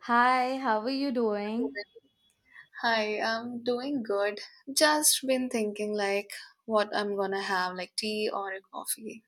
Hi, how are you doing? Hi, I'm doing good. Just been thinking like what I'm gonna have, like tea or a coffee.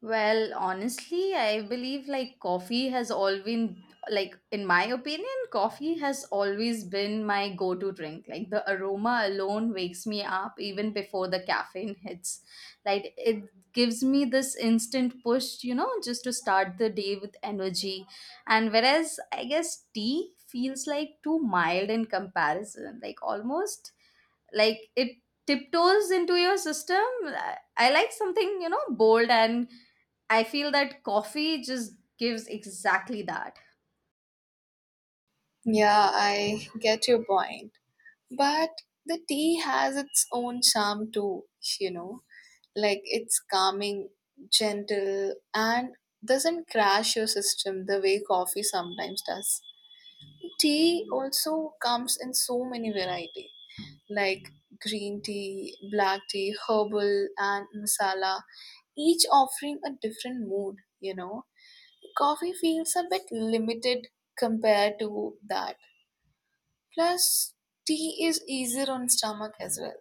Well, honestly, I believe coffee has always been in my opinion, coffee has always been my go-to drink. Like the aroma alone wakes me up even before the caffeine hits. It gives me this instant push, just to start the day with energy. And whereas I guess tea feels like too mild in comparison, like almost it tiptoes into your system. I like something, you know, bold, and I feel that coffee just gives exactly that. Yeah, I get your point. But the tea has its own charm too, you know. Like it's calming, gentle, and doesn't crash your system the way coffee sometimes does. Tea also comes in so many variety, like green tea, black tea, herbal, and masala each offering a different mood, you know. Coffee feels a bit limited compared to that. Plus, tea is easier on stomach as well.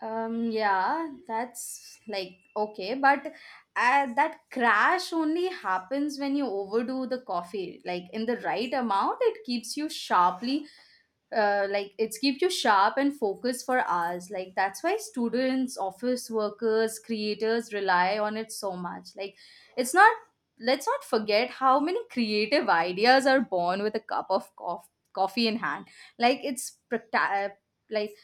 Yeah, that's like okay, but that crash only happens when you overdo the coffee. Like in the right amount, it keeps you sharply, like it's keep you sharp and focused for hours. Like that's why students, office workers, creators rely on it so much. Like it's not. Let's not forget how many creative ideas are born with a cup of coffee in hand. Like it's like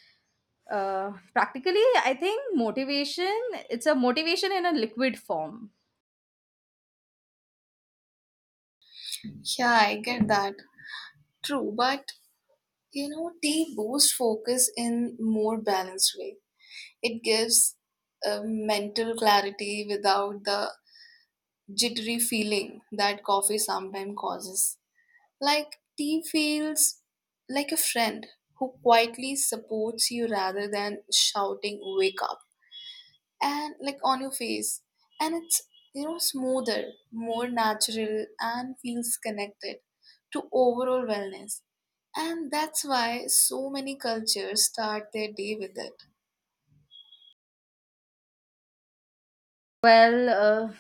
practically, I think motivation, it's a motivation in a liquid form. Yeah, I get that. True, but you know, tea boosts focus in more balanced way. It gives a mental clarity without the jittery feeling that coffee sometimes causes. Like tea feels like a friend who quietly supports you rather than shouting wake up and like on your face, and it's smoother, more natural and feels connected to overall wellness, and that's why so many cultures start their day with it. Well,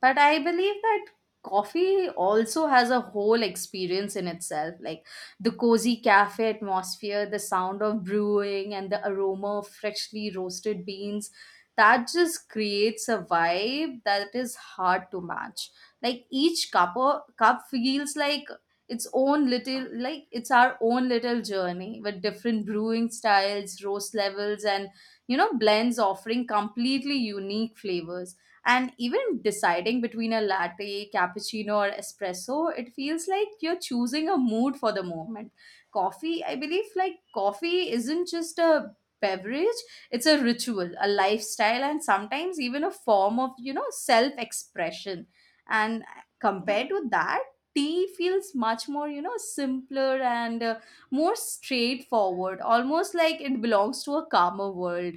but I believe that coffee also has a whole experience in itself, like the cozy cafe atmosphere, the sound of brewing, and the aroma of freshly roasted beans. That just creates a vibe that is hard to match. Like each cup feels like its own little like it's our own little journey with different brewing styles, roast levels, and, you know, blends offering completely unique flavors. And even deciding between a latte, cappuccino, or espresso, it feels like you're choosing a mood for the moment. Coffee, I believe, like coffee isn't just a beverage, it's a ritual, a lifestyle, and sometimes even a form of, you know, self expression. And compared to that, tea feels much more, you know, simpler and more straightforward, almost like it belongs to a calmer world.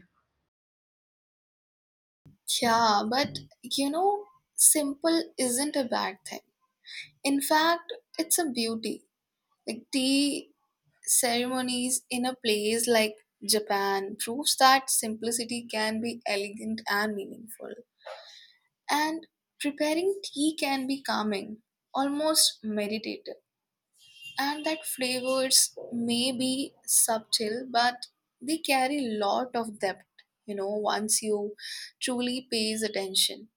Yeah, but you know, simple isn't a bad thing. In fact, it's a beauty. Like tea ceremonies in a place like Japan proves that simplicity can be elegant and meaningful. And preparing tea can be calming, almost meditative. And that flavors may be subtle, but they carry lot of depth, you know, once you truly pays attention.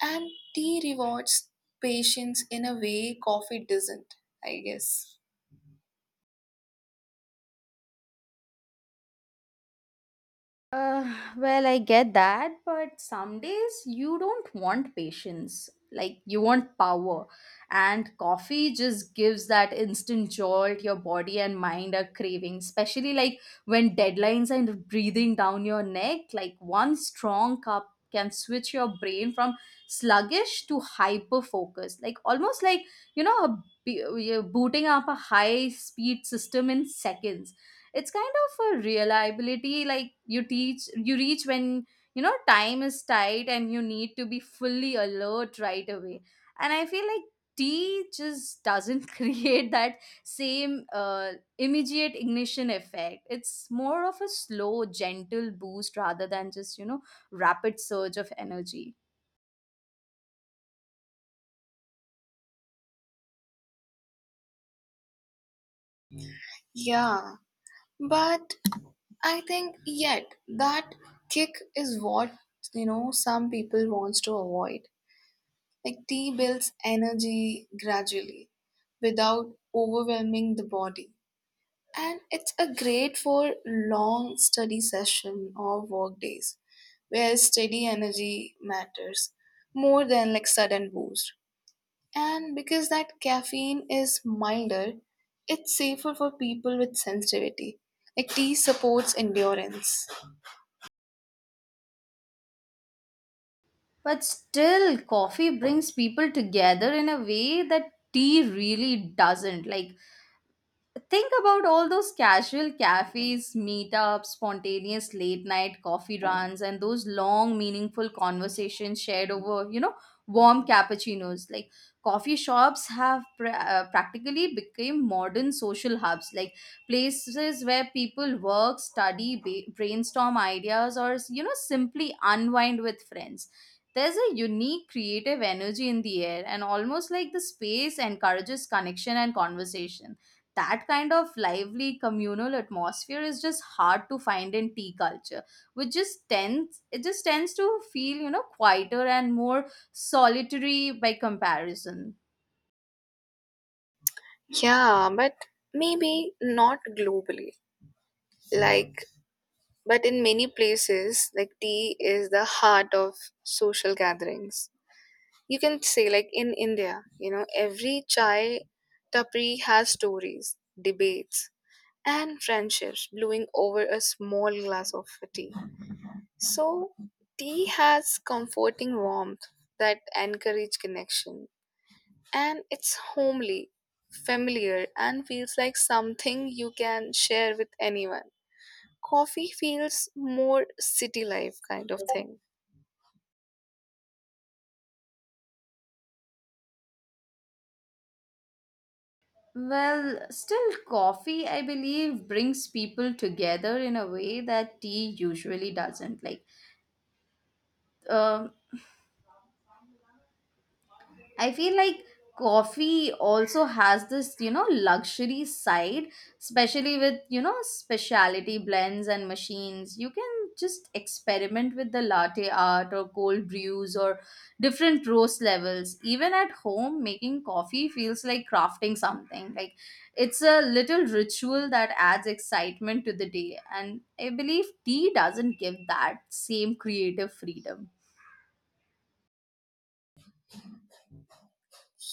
And tea rewards patience in a way coffee doesn't, I guess. Well, I get that, but some days you don't want patience. Like, you want power. And coffee just gives that instant jolt your body and mind are craving, especially like when deadlines are breathing down your neck. Like, one strong cup can switch your brain from sluggish to hyper focused. Like, almost like, you know, you're booting up a high speed system in seconds. It's kind of a reliability like you reach when, you know, time is tight and you need to be fully alert right away. And I feel like tea just doesn't create that same immediate ignition effect. It's more of a slow gentle boost rather than just, you know, rapid surge of energy. Yeah, but I think yet that kick is what, you know, some people wants to avoid. Like tea builds energy gradually without overwhelming the body. And it's a great for long study session or work days where steady energy matters more than like sudden boost. And because that caffeine is milder, it's safer for people with sensitivity. Like tea supports endurance. But still, coffee brings people together in a way that tea really doesn't. Like think about all those casual cafes, meetups, spontaneous late night coffee runs, and those long, meaningful conversations shared over, you know, warm cappuccinos. Like coffee shops have practically become modern social hubs, like places where people work, study, brainstorm ideas, or, you know, simply unwind with friends. There's a unique creative energy in the air, and almost like the space encourages connection and conversation. That kind of lively communal atmosphere is just hard to find in tea culture, which just tends it just tends to feel, you know, quieter and more solitary by comparison. Yeah, but maybe not globally. Like, but in many places, like tea is the heart of social gatherings. You can say, like in India, you know, every chai tapri has stories, debates, and friendships brewing over a small glass of tea. So, tea has comforting warmth that encourage connection. And it's homely, familiar, and feels like something you can share with anyone. Coffee feels more city life kind of thing. Well, still coffee, I believe, brings people together in a way that tea usually doesn't. Like um I feel like coffee also has this, you know, luxury side, especially with, you know, specialty blends and machines. You can just experiment with the latte art or cold brews or different roast levels. Even at home, making coffee feels like crafting something. Like it's a little ritual that adds excitement to the day. And I believe tea doesn't give that same creative freedom.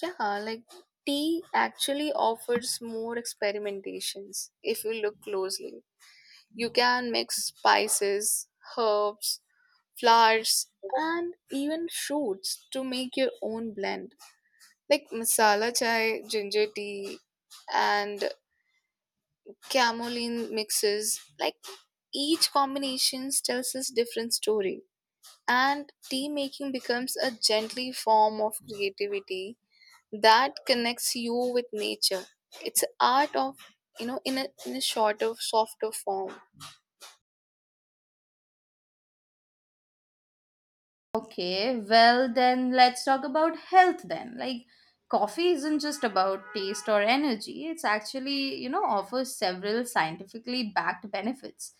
Yeah, like tea actually offers more experimentations if you look closely. You can mix spices, herbs, flowers, and even fruits to make your own blend. Like masala chai, ginger tea, and chamomile mixes. Like each combination tells us different story. And tea making becomes a gently form of creativity that connects you with nature. It's art of, you know, in a shorter, softer form. Okay, well, then let's talk about health then. Like, coffee isn't just about taste or energy, it's actually, you know, offers several scientifically backed benefits.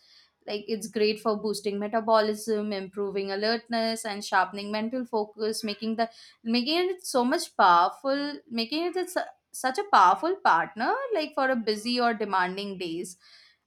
Like, it's great for boosting metabolism, improving alertness, and sharpening mental focus, making the making it so much powerful, making it such a powerful partner, like for a busy or demanding days.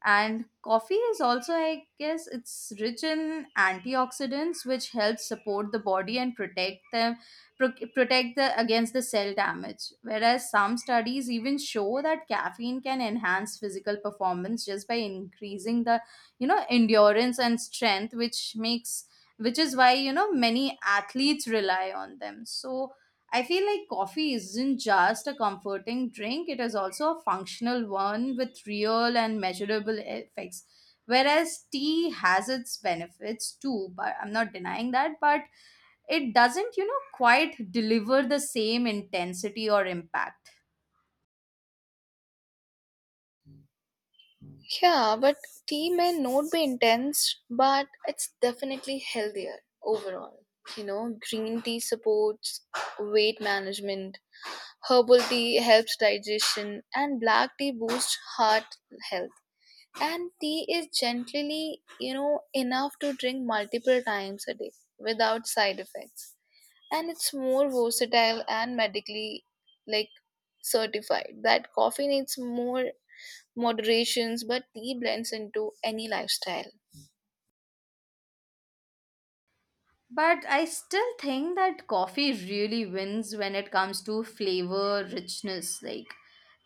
And coffee is also, I guess, it's rich in antioxidants which helps support the body and protect the against the cell damage. Whereas some studies even show that caffeine can enhance physical performance just by increasing the, you know, endurance and strength, which is why, you know, many athletes rely on them. So I feel like coffee isn't just a comforting drink, it is also a functional one with real and measurable effects. Whereas tea has its benefits too, but I'm not denying that, but it doesn't, you know, quite deliver the same intensity or impact. Yeah, but tea may not be intense, but it's definitely healthier overall. You know, green tea supports weight management, herbal tea helps digestion, and black tea boosts heart health. And tea is gently, you know, enough to drink multiple times a day without side effects. And it's more versatile and medically like certified. That coffee needs more moderations, but tea blends into any lifestyle. But I still think that coffee really wins when it comes to flavor richness. Like,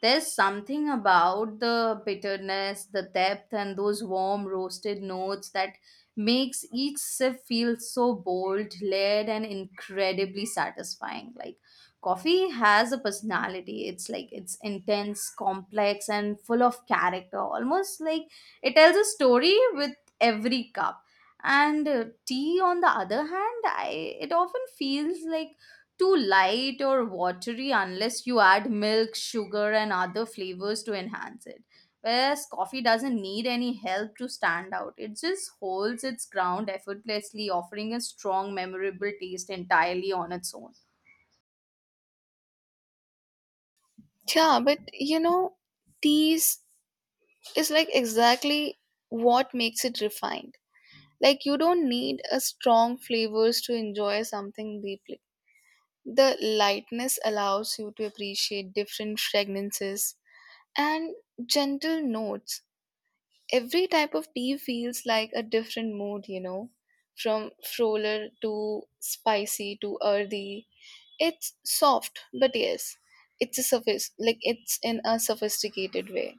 there's something about the bitterness, the depth, and those warm roasted notes that makes each sip feel so bold, layered, and incredibly satisfying. Like, coffee has a personality. It's like it's intense, complex, and full of character. Almost like it tells a story with every cup. And tea on the other hand, I, it often feels like too light or watery unless you add milk sugar and other flavors to enhance it. Whereas coffee doesn't need any help to stand out, it just holds its ground effortlessly, offering a strong memorable taste entirely on its own. Yeah, but you know, teas is like exactly what makes it refined. Like you don't need a strong flavors to enjoy something deeply. The lightness allows you to appreciate different fragrances and gentle notes. Every type of tea feels like a different mood, you know, from fuller to spicy to earthy. It's soft, but yes, it's a surface like it's in a sophisticated way.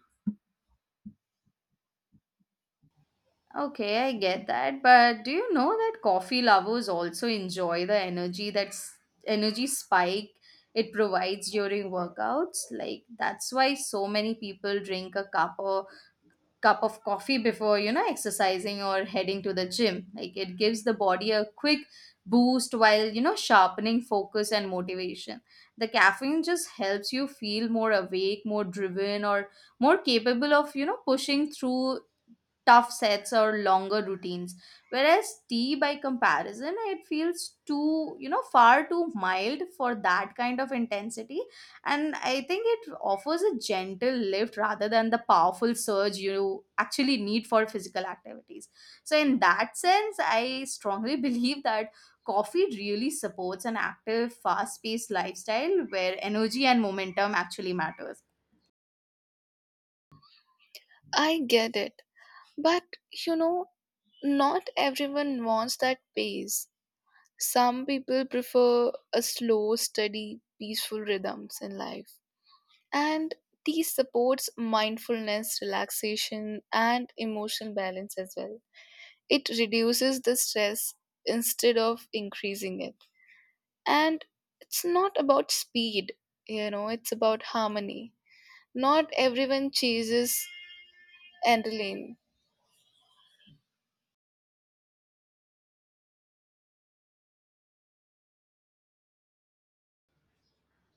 Okay, I get that, but do you know that coffee lovers also enjoy the energy spike it provides during workouts? Like that's why so many people drink a cup of coffee before, you know, exercising or heading to the gym. Like it gives the body a quick boost while, you know, sharpening focus and motivation. The caffeine just helps you feel more awake, more driven or more capable of, you know, pushing through tough sets or longer routines. Whereas tea, by comparison, it feels too, you know, far too mild for that kind of intensity. And I think it offers a gentle lift rather than the powerful surge you actually need for physical activities. So in that sense, I strongly believe that coffee really supports an active fast paced lifestyle where energy and momentum actually matters. I get it, but you know, not everyone wants that pace. Some people prefer a slow, steady, peaceful rhythms in life. And tea supports mindfulness, relaxation, and emotional balance as well. It reduces the stress instead of increasing it. And it's not about speed, you know, it's about harmony. Not everyone chases adrenaline.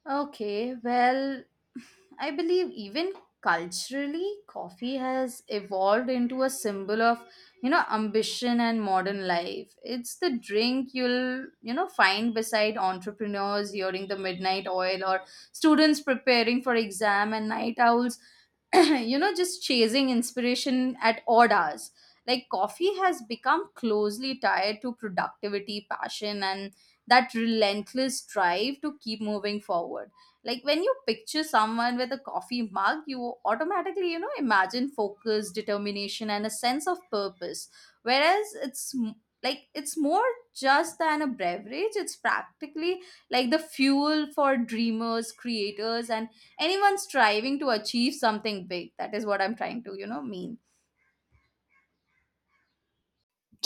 Okay, well, I believe even culturally, coffee has evolved into a symbol of, you know, ambition and modern life. It's the drink you'll, you know, find beside entrepreneurs during the midnight oil or students preparing for exam and night owls, you know, just chasing inspiration at odd hours. Like coffee has become closely tied to productivity, passion, and that relentless drive to keep moving forward. Like when you picture someone with a coffee mug, you automatically, you know, imagine focus, determination, and a sense of purpose. Whereas it's m- like it's more just than a beverage, it's practically like the fuel for dreamers, creators, and anyone striving to achieve something big. That is what I'm trying to, you know, mean.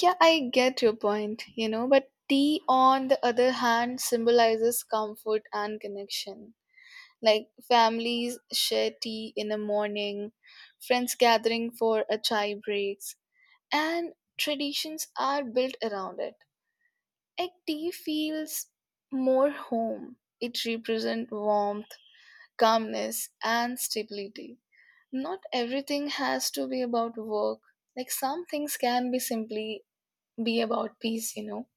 Yeah, I get your point, you know, but tea, on the other hand, symbolizes comfort and connection. Like families share tea in the morning, friends gathering for a chai breaks, and traditions are built around it. Like tea feels more home. It represents warmth, calmness, and stability. Not everything has to be about work. Like some things can be simply be about peace, you know.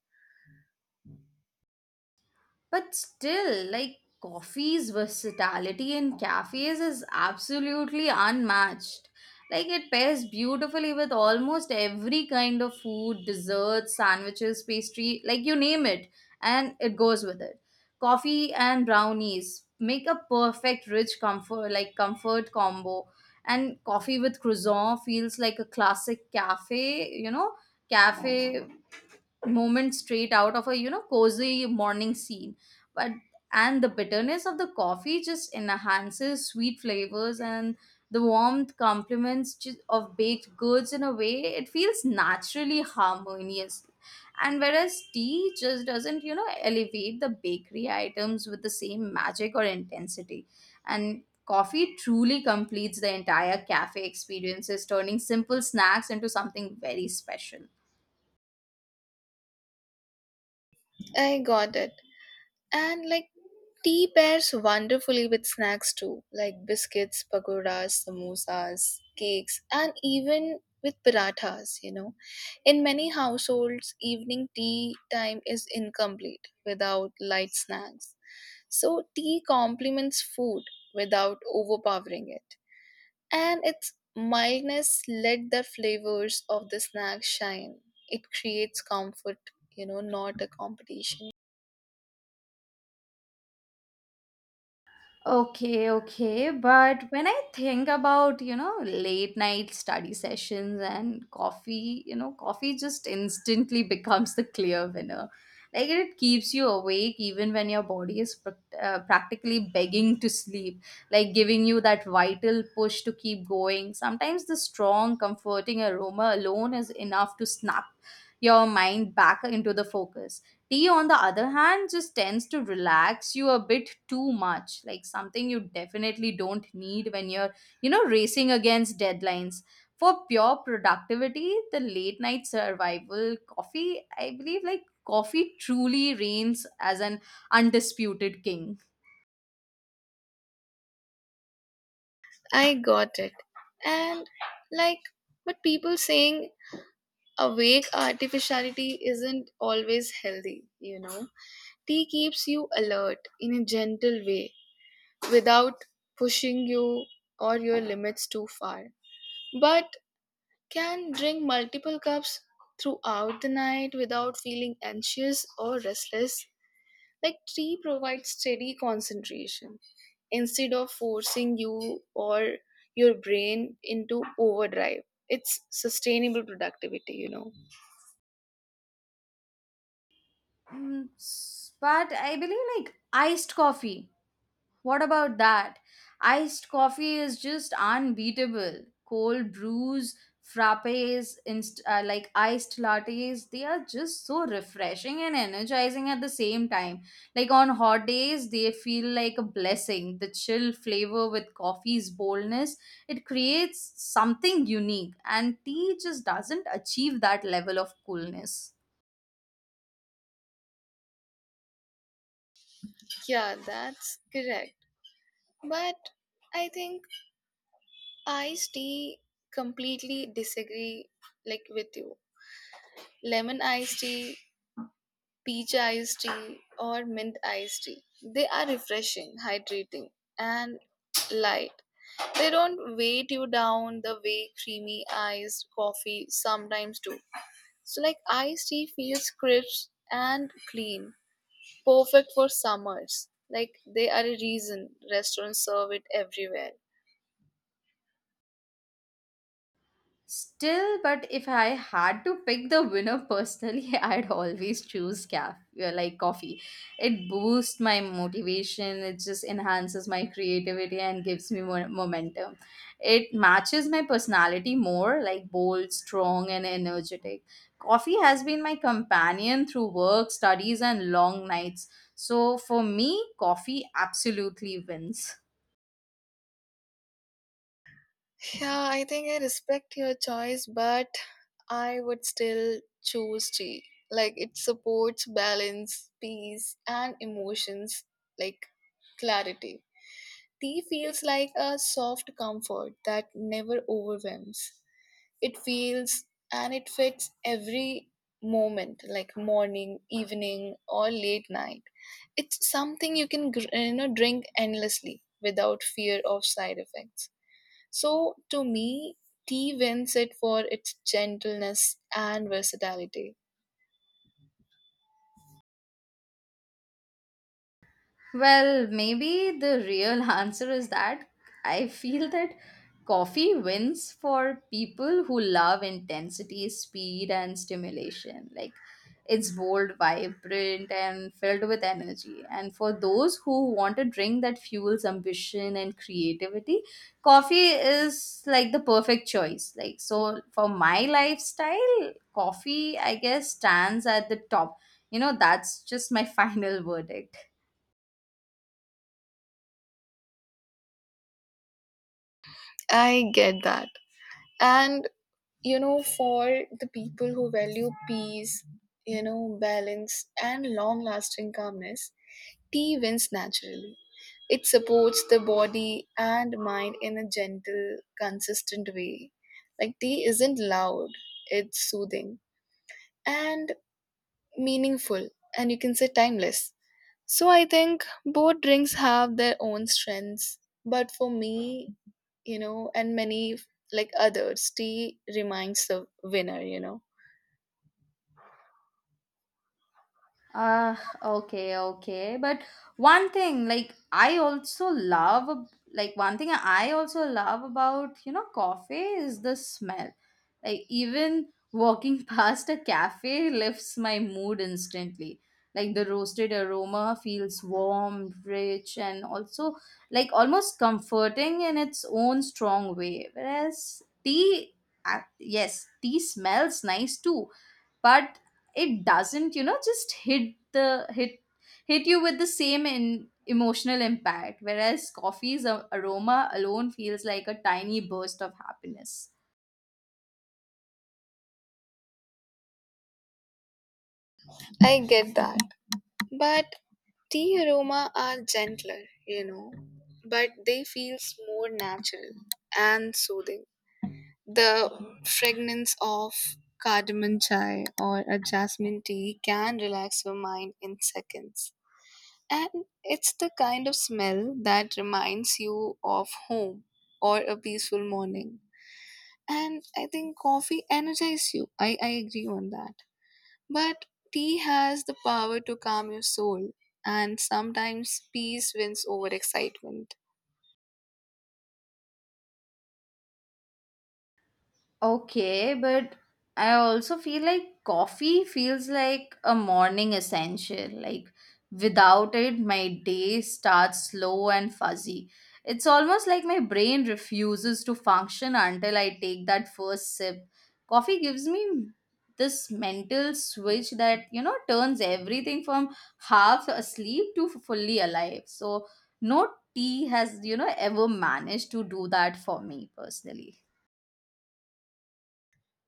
But still, like coffee's versatility in cafes is absolutely unmatched. Like it pairs beautifully with almost every kind of food, desserts, sandwiches, pastry, like you name it, and it goes with it. Coffee and brownies make a perfect rich comfort, like comfort combo. And coffee with croissant feels like a classic cafe, you know, cafe moment straight out of a, you know, cozy morning scene. But and the bitterness of the coffee just enhances sweet flavors, and the warmth complements of baked goods in a way it feels naturally harmonious. And whereas tea just doesn't, you know, elevate the bakery items with the same magic or intensity. And coffee truly completes the entire cafe experiences, turning simple snacks into something very special. I got it. And like, tea pairs wonderfully with snacks too, like biscuits, pakoras, samosas, cakes, and even with parathas, you know. In many households, evening tea time is incomplete without light snacks. So, tea complements food without overpowering it. And its mildness let the flavors of the snack shine. It creates comfort, you know, not a competition. Okay, okay. But when I think about, you know, late night study sessions and coffee, you know, coffee just instantly becomes the clear winner. Like it keeps you awake even when your body is practically begging to sleep, like giving you that vital push to keep going. Sometimes the strong, comforting aroma alone is enough to snap your mind back into the focus. Tea, on the other hand, just tends to relax you a bit too much, like something you definitely don't need when you're, you know, racing against deadlines. For pure productivity, the late night survival coffee, I believe, like coffee truly reigns as an undisputed king. I got it. And like, but people saying awake artificiality isn't always healthy, you know. Tea keeps you alert in a gentle way without pushing you or your limits too far. But can drink multiple cups throughout the night without feeling anxious or restless. Like tea provides steady concentration instead of forcing you or your brain into overdrive. It's sustainable productivity, you know. But I believe, like iced coffee. What about that? Iced coffee is just unbeatable. Cold brews, frappes, like iced lattes, they are just so refreshing and energizing at the same time. Like on hot days, they feel like a blessing. The chill flavor with coffee's boldness, it creates something unique, and tea just doesn't achieve that level of coolness. Yeah, that's correct. But I think iced tea, completely disagree like with you. Lemon iced tea, peach iced tea, or mint iced tea. They are refreshing, hydrating, and light. They don't weight you down the way creamy iced coffee sometimes do. So, like iced tea feels crisp and clean, perfect for summers. Like they are a reason restaurants serve it everywhere. Still, but if I had to pick the winner personally, I'd always choose coffee. It boosts my motivation, it just enhances my creativity and gives me more momentum. It matches my personality more, like bold, strong, and energetic. Coffee has been my companion through work, studies, and long nights. So for me, coffee absolutely wins. Yeah, I think I respect your choice, but I would still choose tea. Like it supports balance, peace, and emotions like clarity. Tea feels like a soft comfort that never overwhelms. It feels and it fits every moment like morning, evening or late night. It's something you can you know, drink endlessly without fear of side effects. So to me, tea wins it for its gentleness and versatility. Well, maybe the real answer is that I feel that coffee wins for people who love intensity, speed, and stimulation. Like, it's bold, vibrant, and filled with energy. And for those who want a drink that fuels ambition and creativity, coffee is like the perfect choice. Like, so for my lifestyle, coffee, I guess, stands at the top. You know, that's just my final verdict. I get that, and you know, for the people who value peace, you know, balance and long lasting calmness, tea wins naturally. It supports the body and mind in a gentle, consistent way. Like tea isn't loud, it's soothing and meaningful, and you can say timeless. So I think both drinks have their own strengths, but for me, you know, and many like others, tea reminds the winner, you know. Ah, okay, okay. But one thing, like I also love, like one thing I also love about, you know, coffee is the smell. Like even walking past a cafe lifts my mood instantly. Like the roasted aroma feels warm, rich, and also like almost comforting in its own strong way. Whereas tea, yes, tea smells nice too, but it doesn't, you know, just hit the hit hit you with the same emotional impact, whereas coffee's aroma alone feels like a tiny burst of happiness. I get that. But tea aroma are gentler, you know, but they feels more natural and soothing. The fragrance of cardamom chai or a jasmine tea can relax your mind in seconds. And it's the kind of smell that reminds you of home or a peaceful morning. And I think coffee energizes you. I agree on that. But tea has the power to calm your soul, and sometimes peace wins over excitement. Okay, but I also feel like coffee feels like a morning essential. Like without it, my day starts slow and fuzzy. It's almost like my brain refuses to function until I take that first sip. Coffee gives me this mental switch that, you know, turns everything from half asleep to fully alive. So no tea has, you know, ever managed to do that for me personally.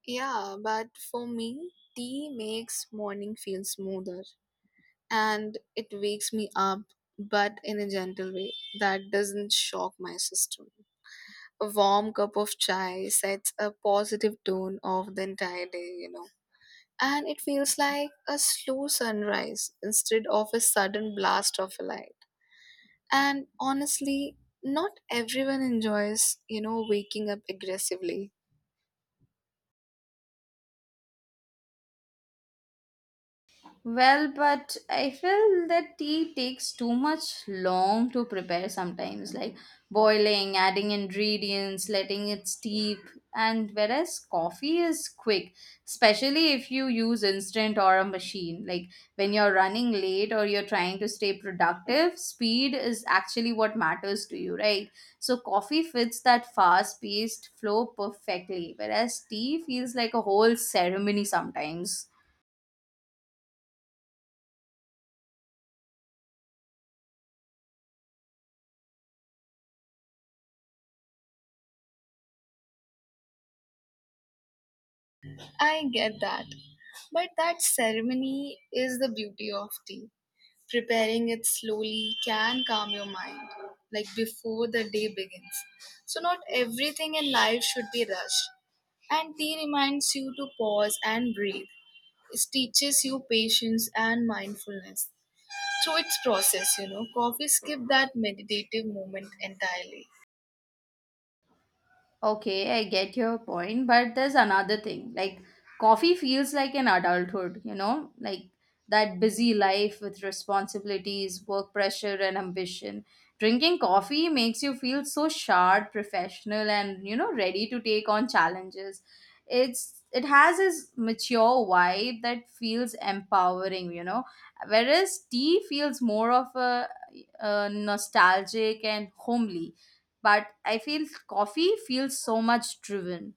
Yeah, but for me, tea makes morning feel smoother and it wakes me up, but in a gentle way that doesn't shock my system. A warm cup of chai sets a positive tone of the entire day, you know. And it feels like a slow sunrise instead of a sudden blast of light. And honestly, not everyone enjoys, you know, waking up aggressively. Well, but I feel that tea takes too much long to prepare sometimes, like boiling, adding ingredients, letting it steep. And whereas coffee is quick, especially if you use instant or a machine, like when you're running late or you're trying to stay productive, speed is actually what matters to you, right? So coffee fits that fast paced flow perfectly, whereas tea feels like a whole ceremony sometimes. I get that. But that ceremony is the beauty of tea. Preparing it slowly can calm your mind, like before the day begins. So, not everything in life should be rushed. And tea reminds you to pause and breathe. It teaches you patience and mindfulness through its process, you know. Coffee skip that meditative moment entirely. Okay, I get your point, but there's another thing. Like, coffee feels like an adulthood, you know? Like, that busy life with responsibilities, work pressure, and ambition. Drinking coffee makes you feel so sharp, professional, and, you know, ready to take on challenges. It has this mature vibe that feels empowering, you know. Whereas tea feels more of a nostalgic and homely, but I feel coffee feels so much driven.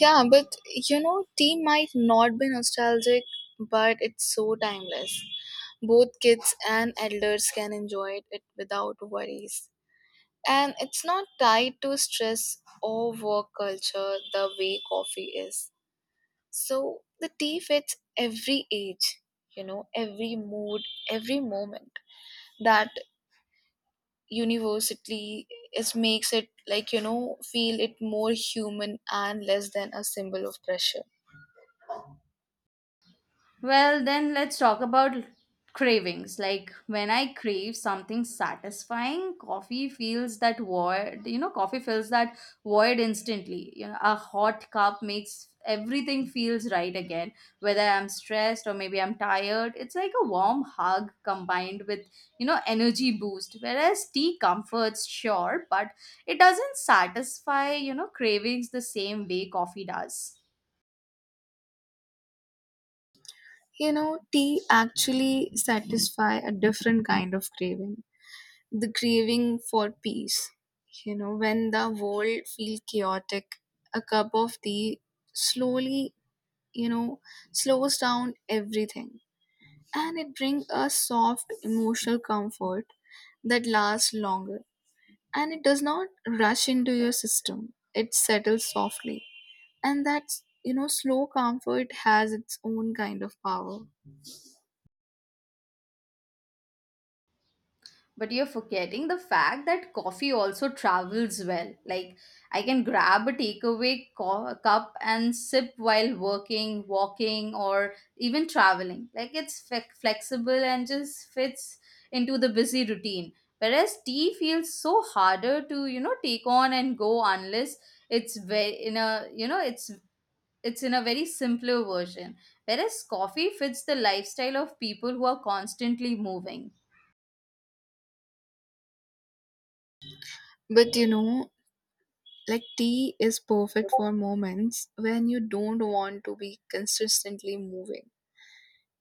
Yeah, but you know, tea might not be nostalgic, but it's so timeless. Both kids and elders can enjoy it without worries. And it's not tied to stress or work culture the way coffee is. So the tea fits every age, you know, every mood, every moment. That universally is makes it like, you know, feel it more human and less than a symbol of pressure. Well, then let's talk about cravings. Like when I crave something satisfying, coffee feels that void, you know, coffee fills that void instantly. You know, a hot cup makes everything feels right again. Whether I'm stressed or maybe I'm tired, it's like a warm hug combined with, you know, energy boost. Whereas tea comforts, sure, but it doesn't satisfy, you know, cravings the same way coffee does. You know, tea actually satisfy a different kind of craving, the craving for peace. You know, when the world feels chaotic, a cup of tea slowly, you know, slows down everything, and it brings a soft emotional comfort that lasts longer, and it does not rush into your system. It settles softly. And that's, you know, slow comfort has its own kind of power. But you're forgetting the fact that coffee also travels well. Like, I can grab a takeaway cup and sip while working, walking, or even traveling. Like, it's flexible and just fits into the busy routine. Whereas tea feels so harder to, you know, take on and go, unless it's very in a, you know, it's in a very simpler version. Whereas coffee fits the lifestyle of people who are constantly moving. But you know, like tea is perfect for moments when you don't want to be consistently moving.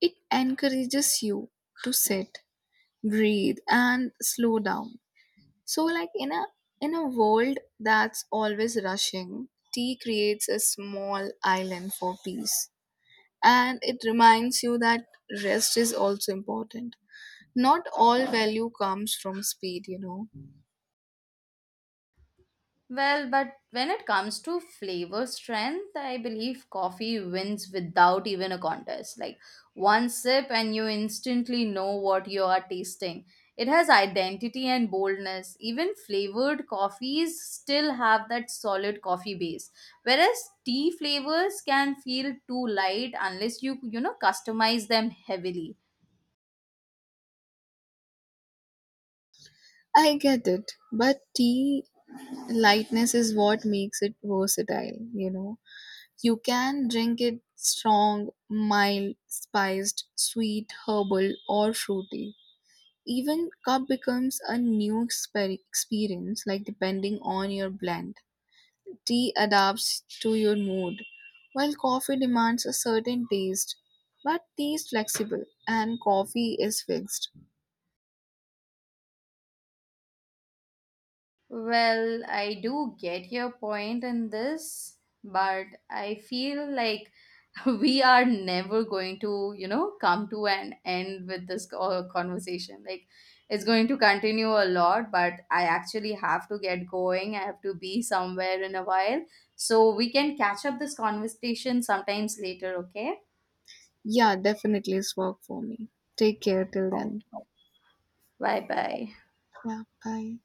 It encourages you to sit, breathe and slow down. So like in a world that's always rushing, tea creates a small island for peace. And it reminds you that rest is also important. Not all value comes from speed, you know. Well, but when it comes to flavor strength, I believe coffee wins without even a contest. Like one sip, and you instantly know what you are tasting. It has identity and boldness. Even flavored coffees still have that solid coffee base, whereas tea flavors can feel too light unless you, you know, customize them heavily. I get it, but tea lightness is what makes it versatile, you know. You can drink it strong, mild, spiced, sweet, herbal or fruity. Even cup becomes a new experience, like depending on your blend. Tea adapts to your mood while coffee demands a certain taste. But tea is flexible and coffee is fixed. Well, I do get your point in this, but I feel like we are never going to, you know, come to an end with this conversation. Like it's going to continue a lot, but I actually have to get going. I have to be somewhere in a while, so we can catch up this conversation sometimes later, okay. Yeah, definitely, it's work for me. Take care till Oh, then. bye bye. Yeah, bye.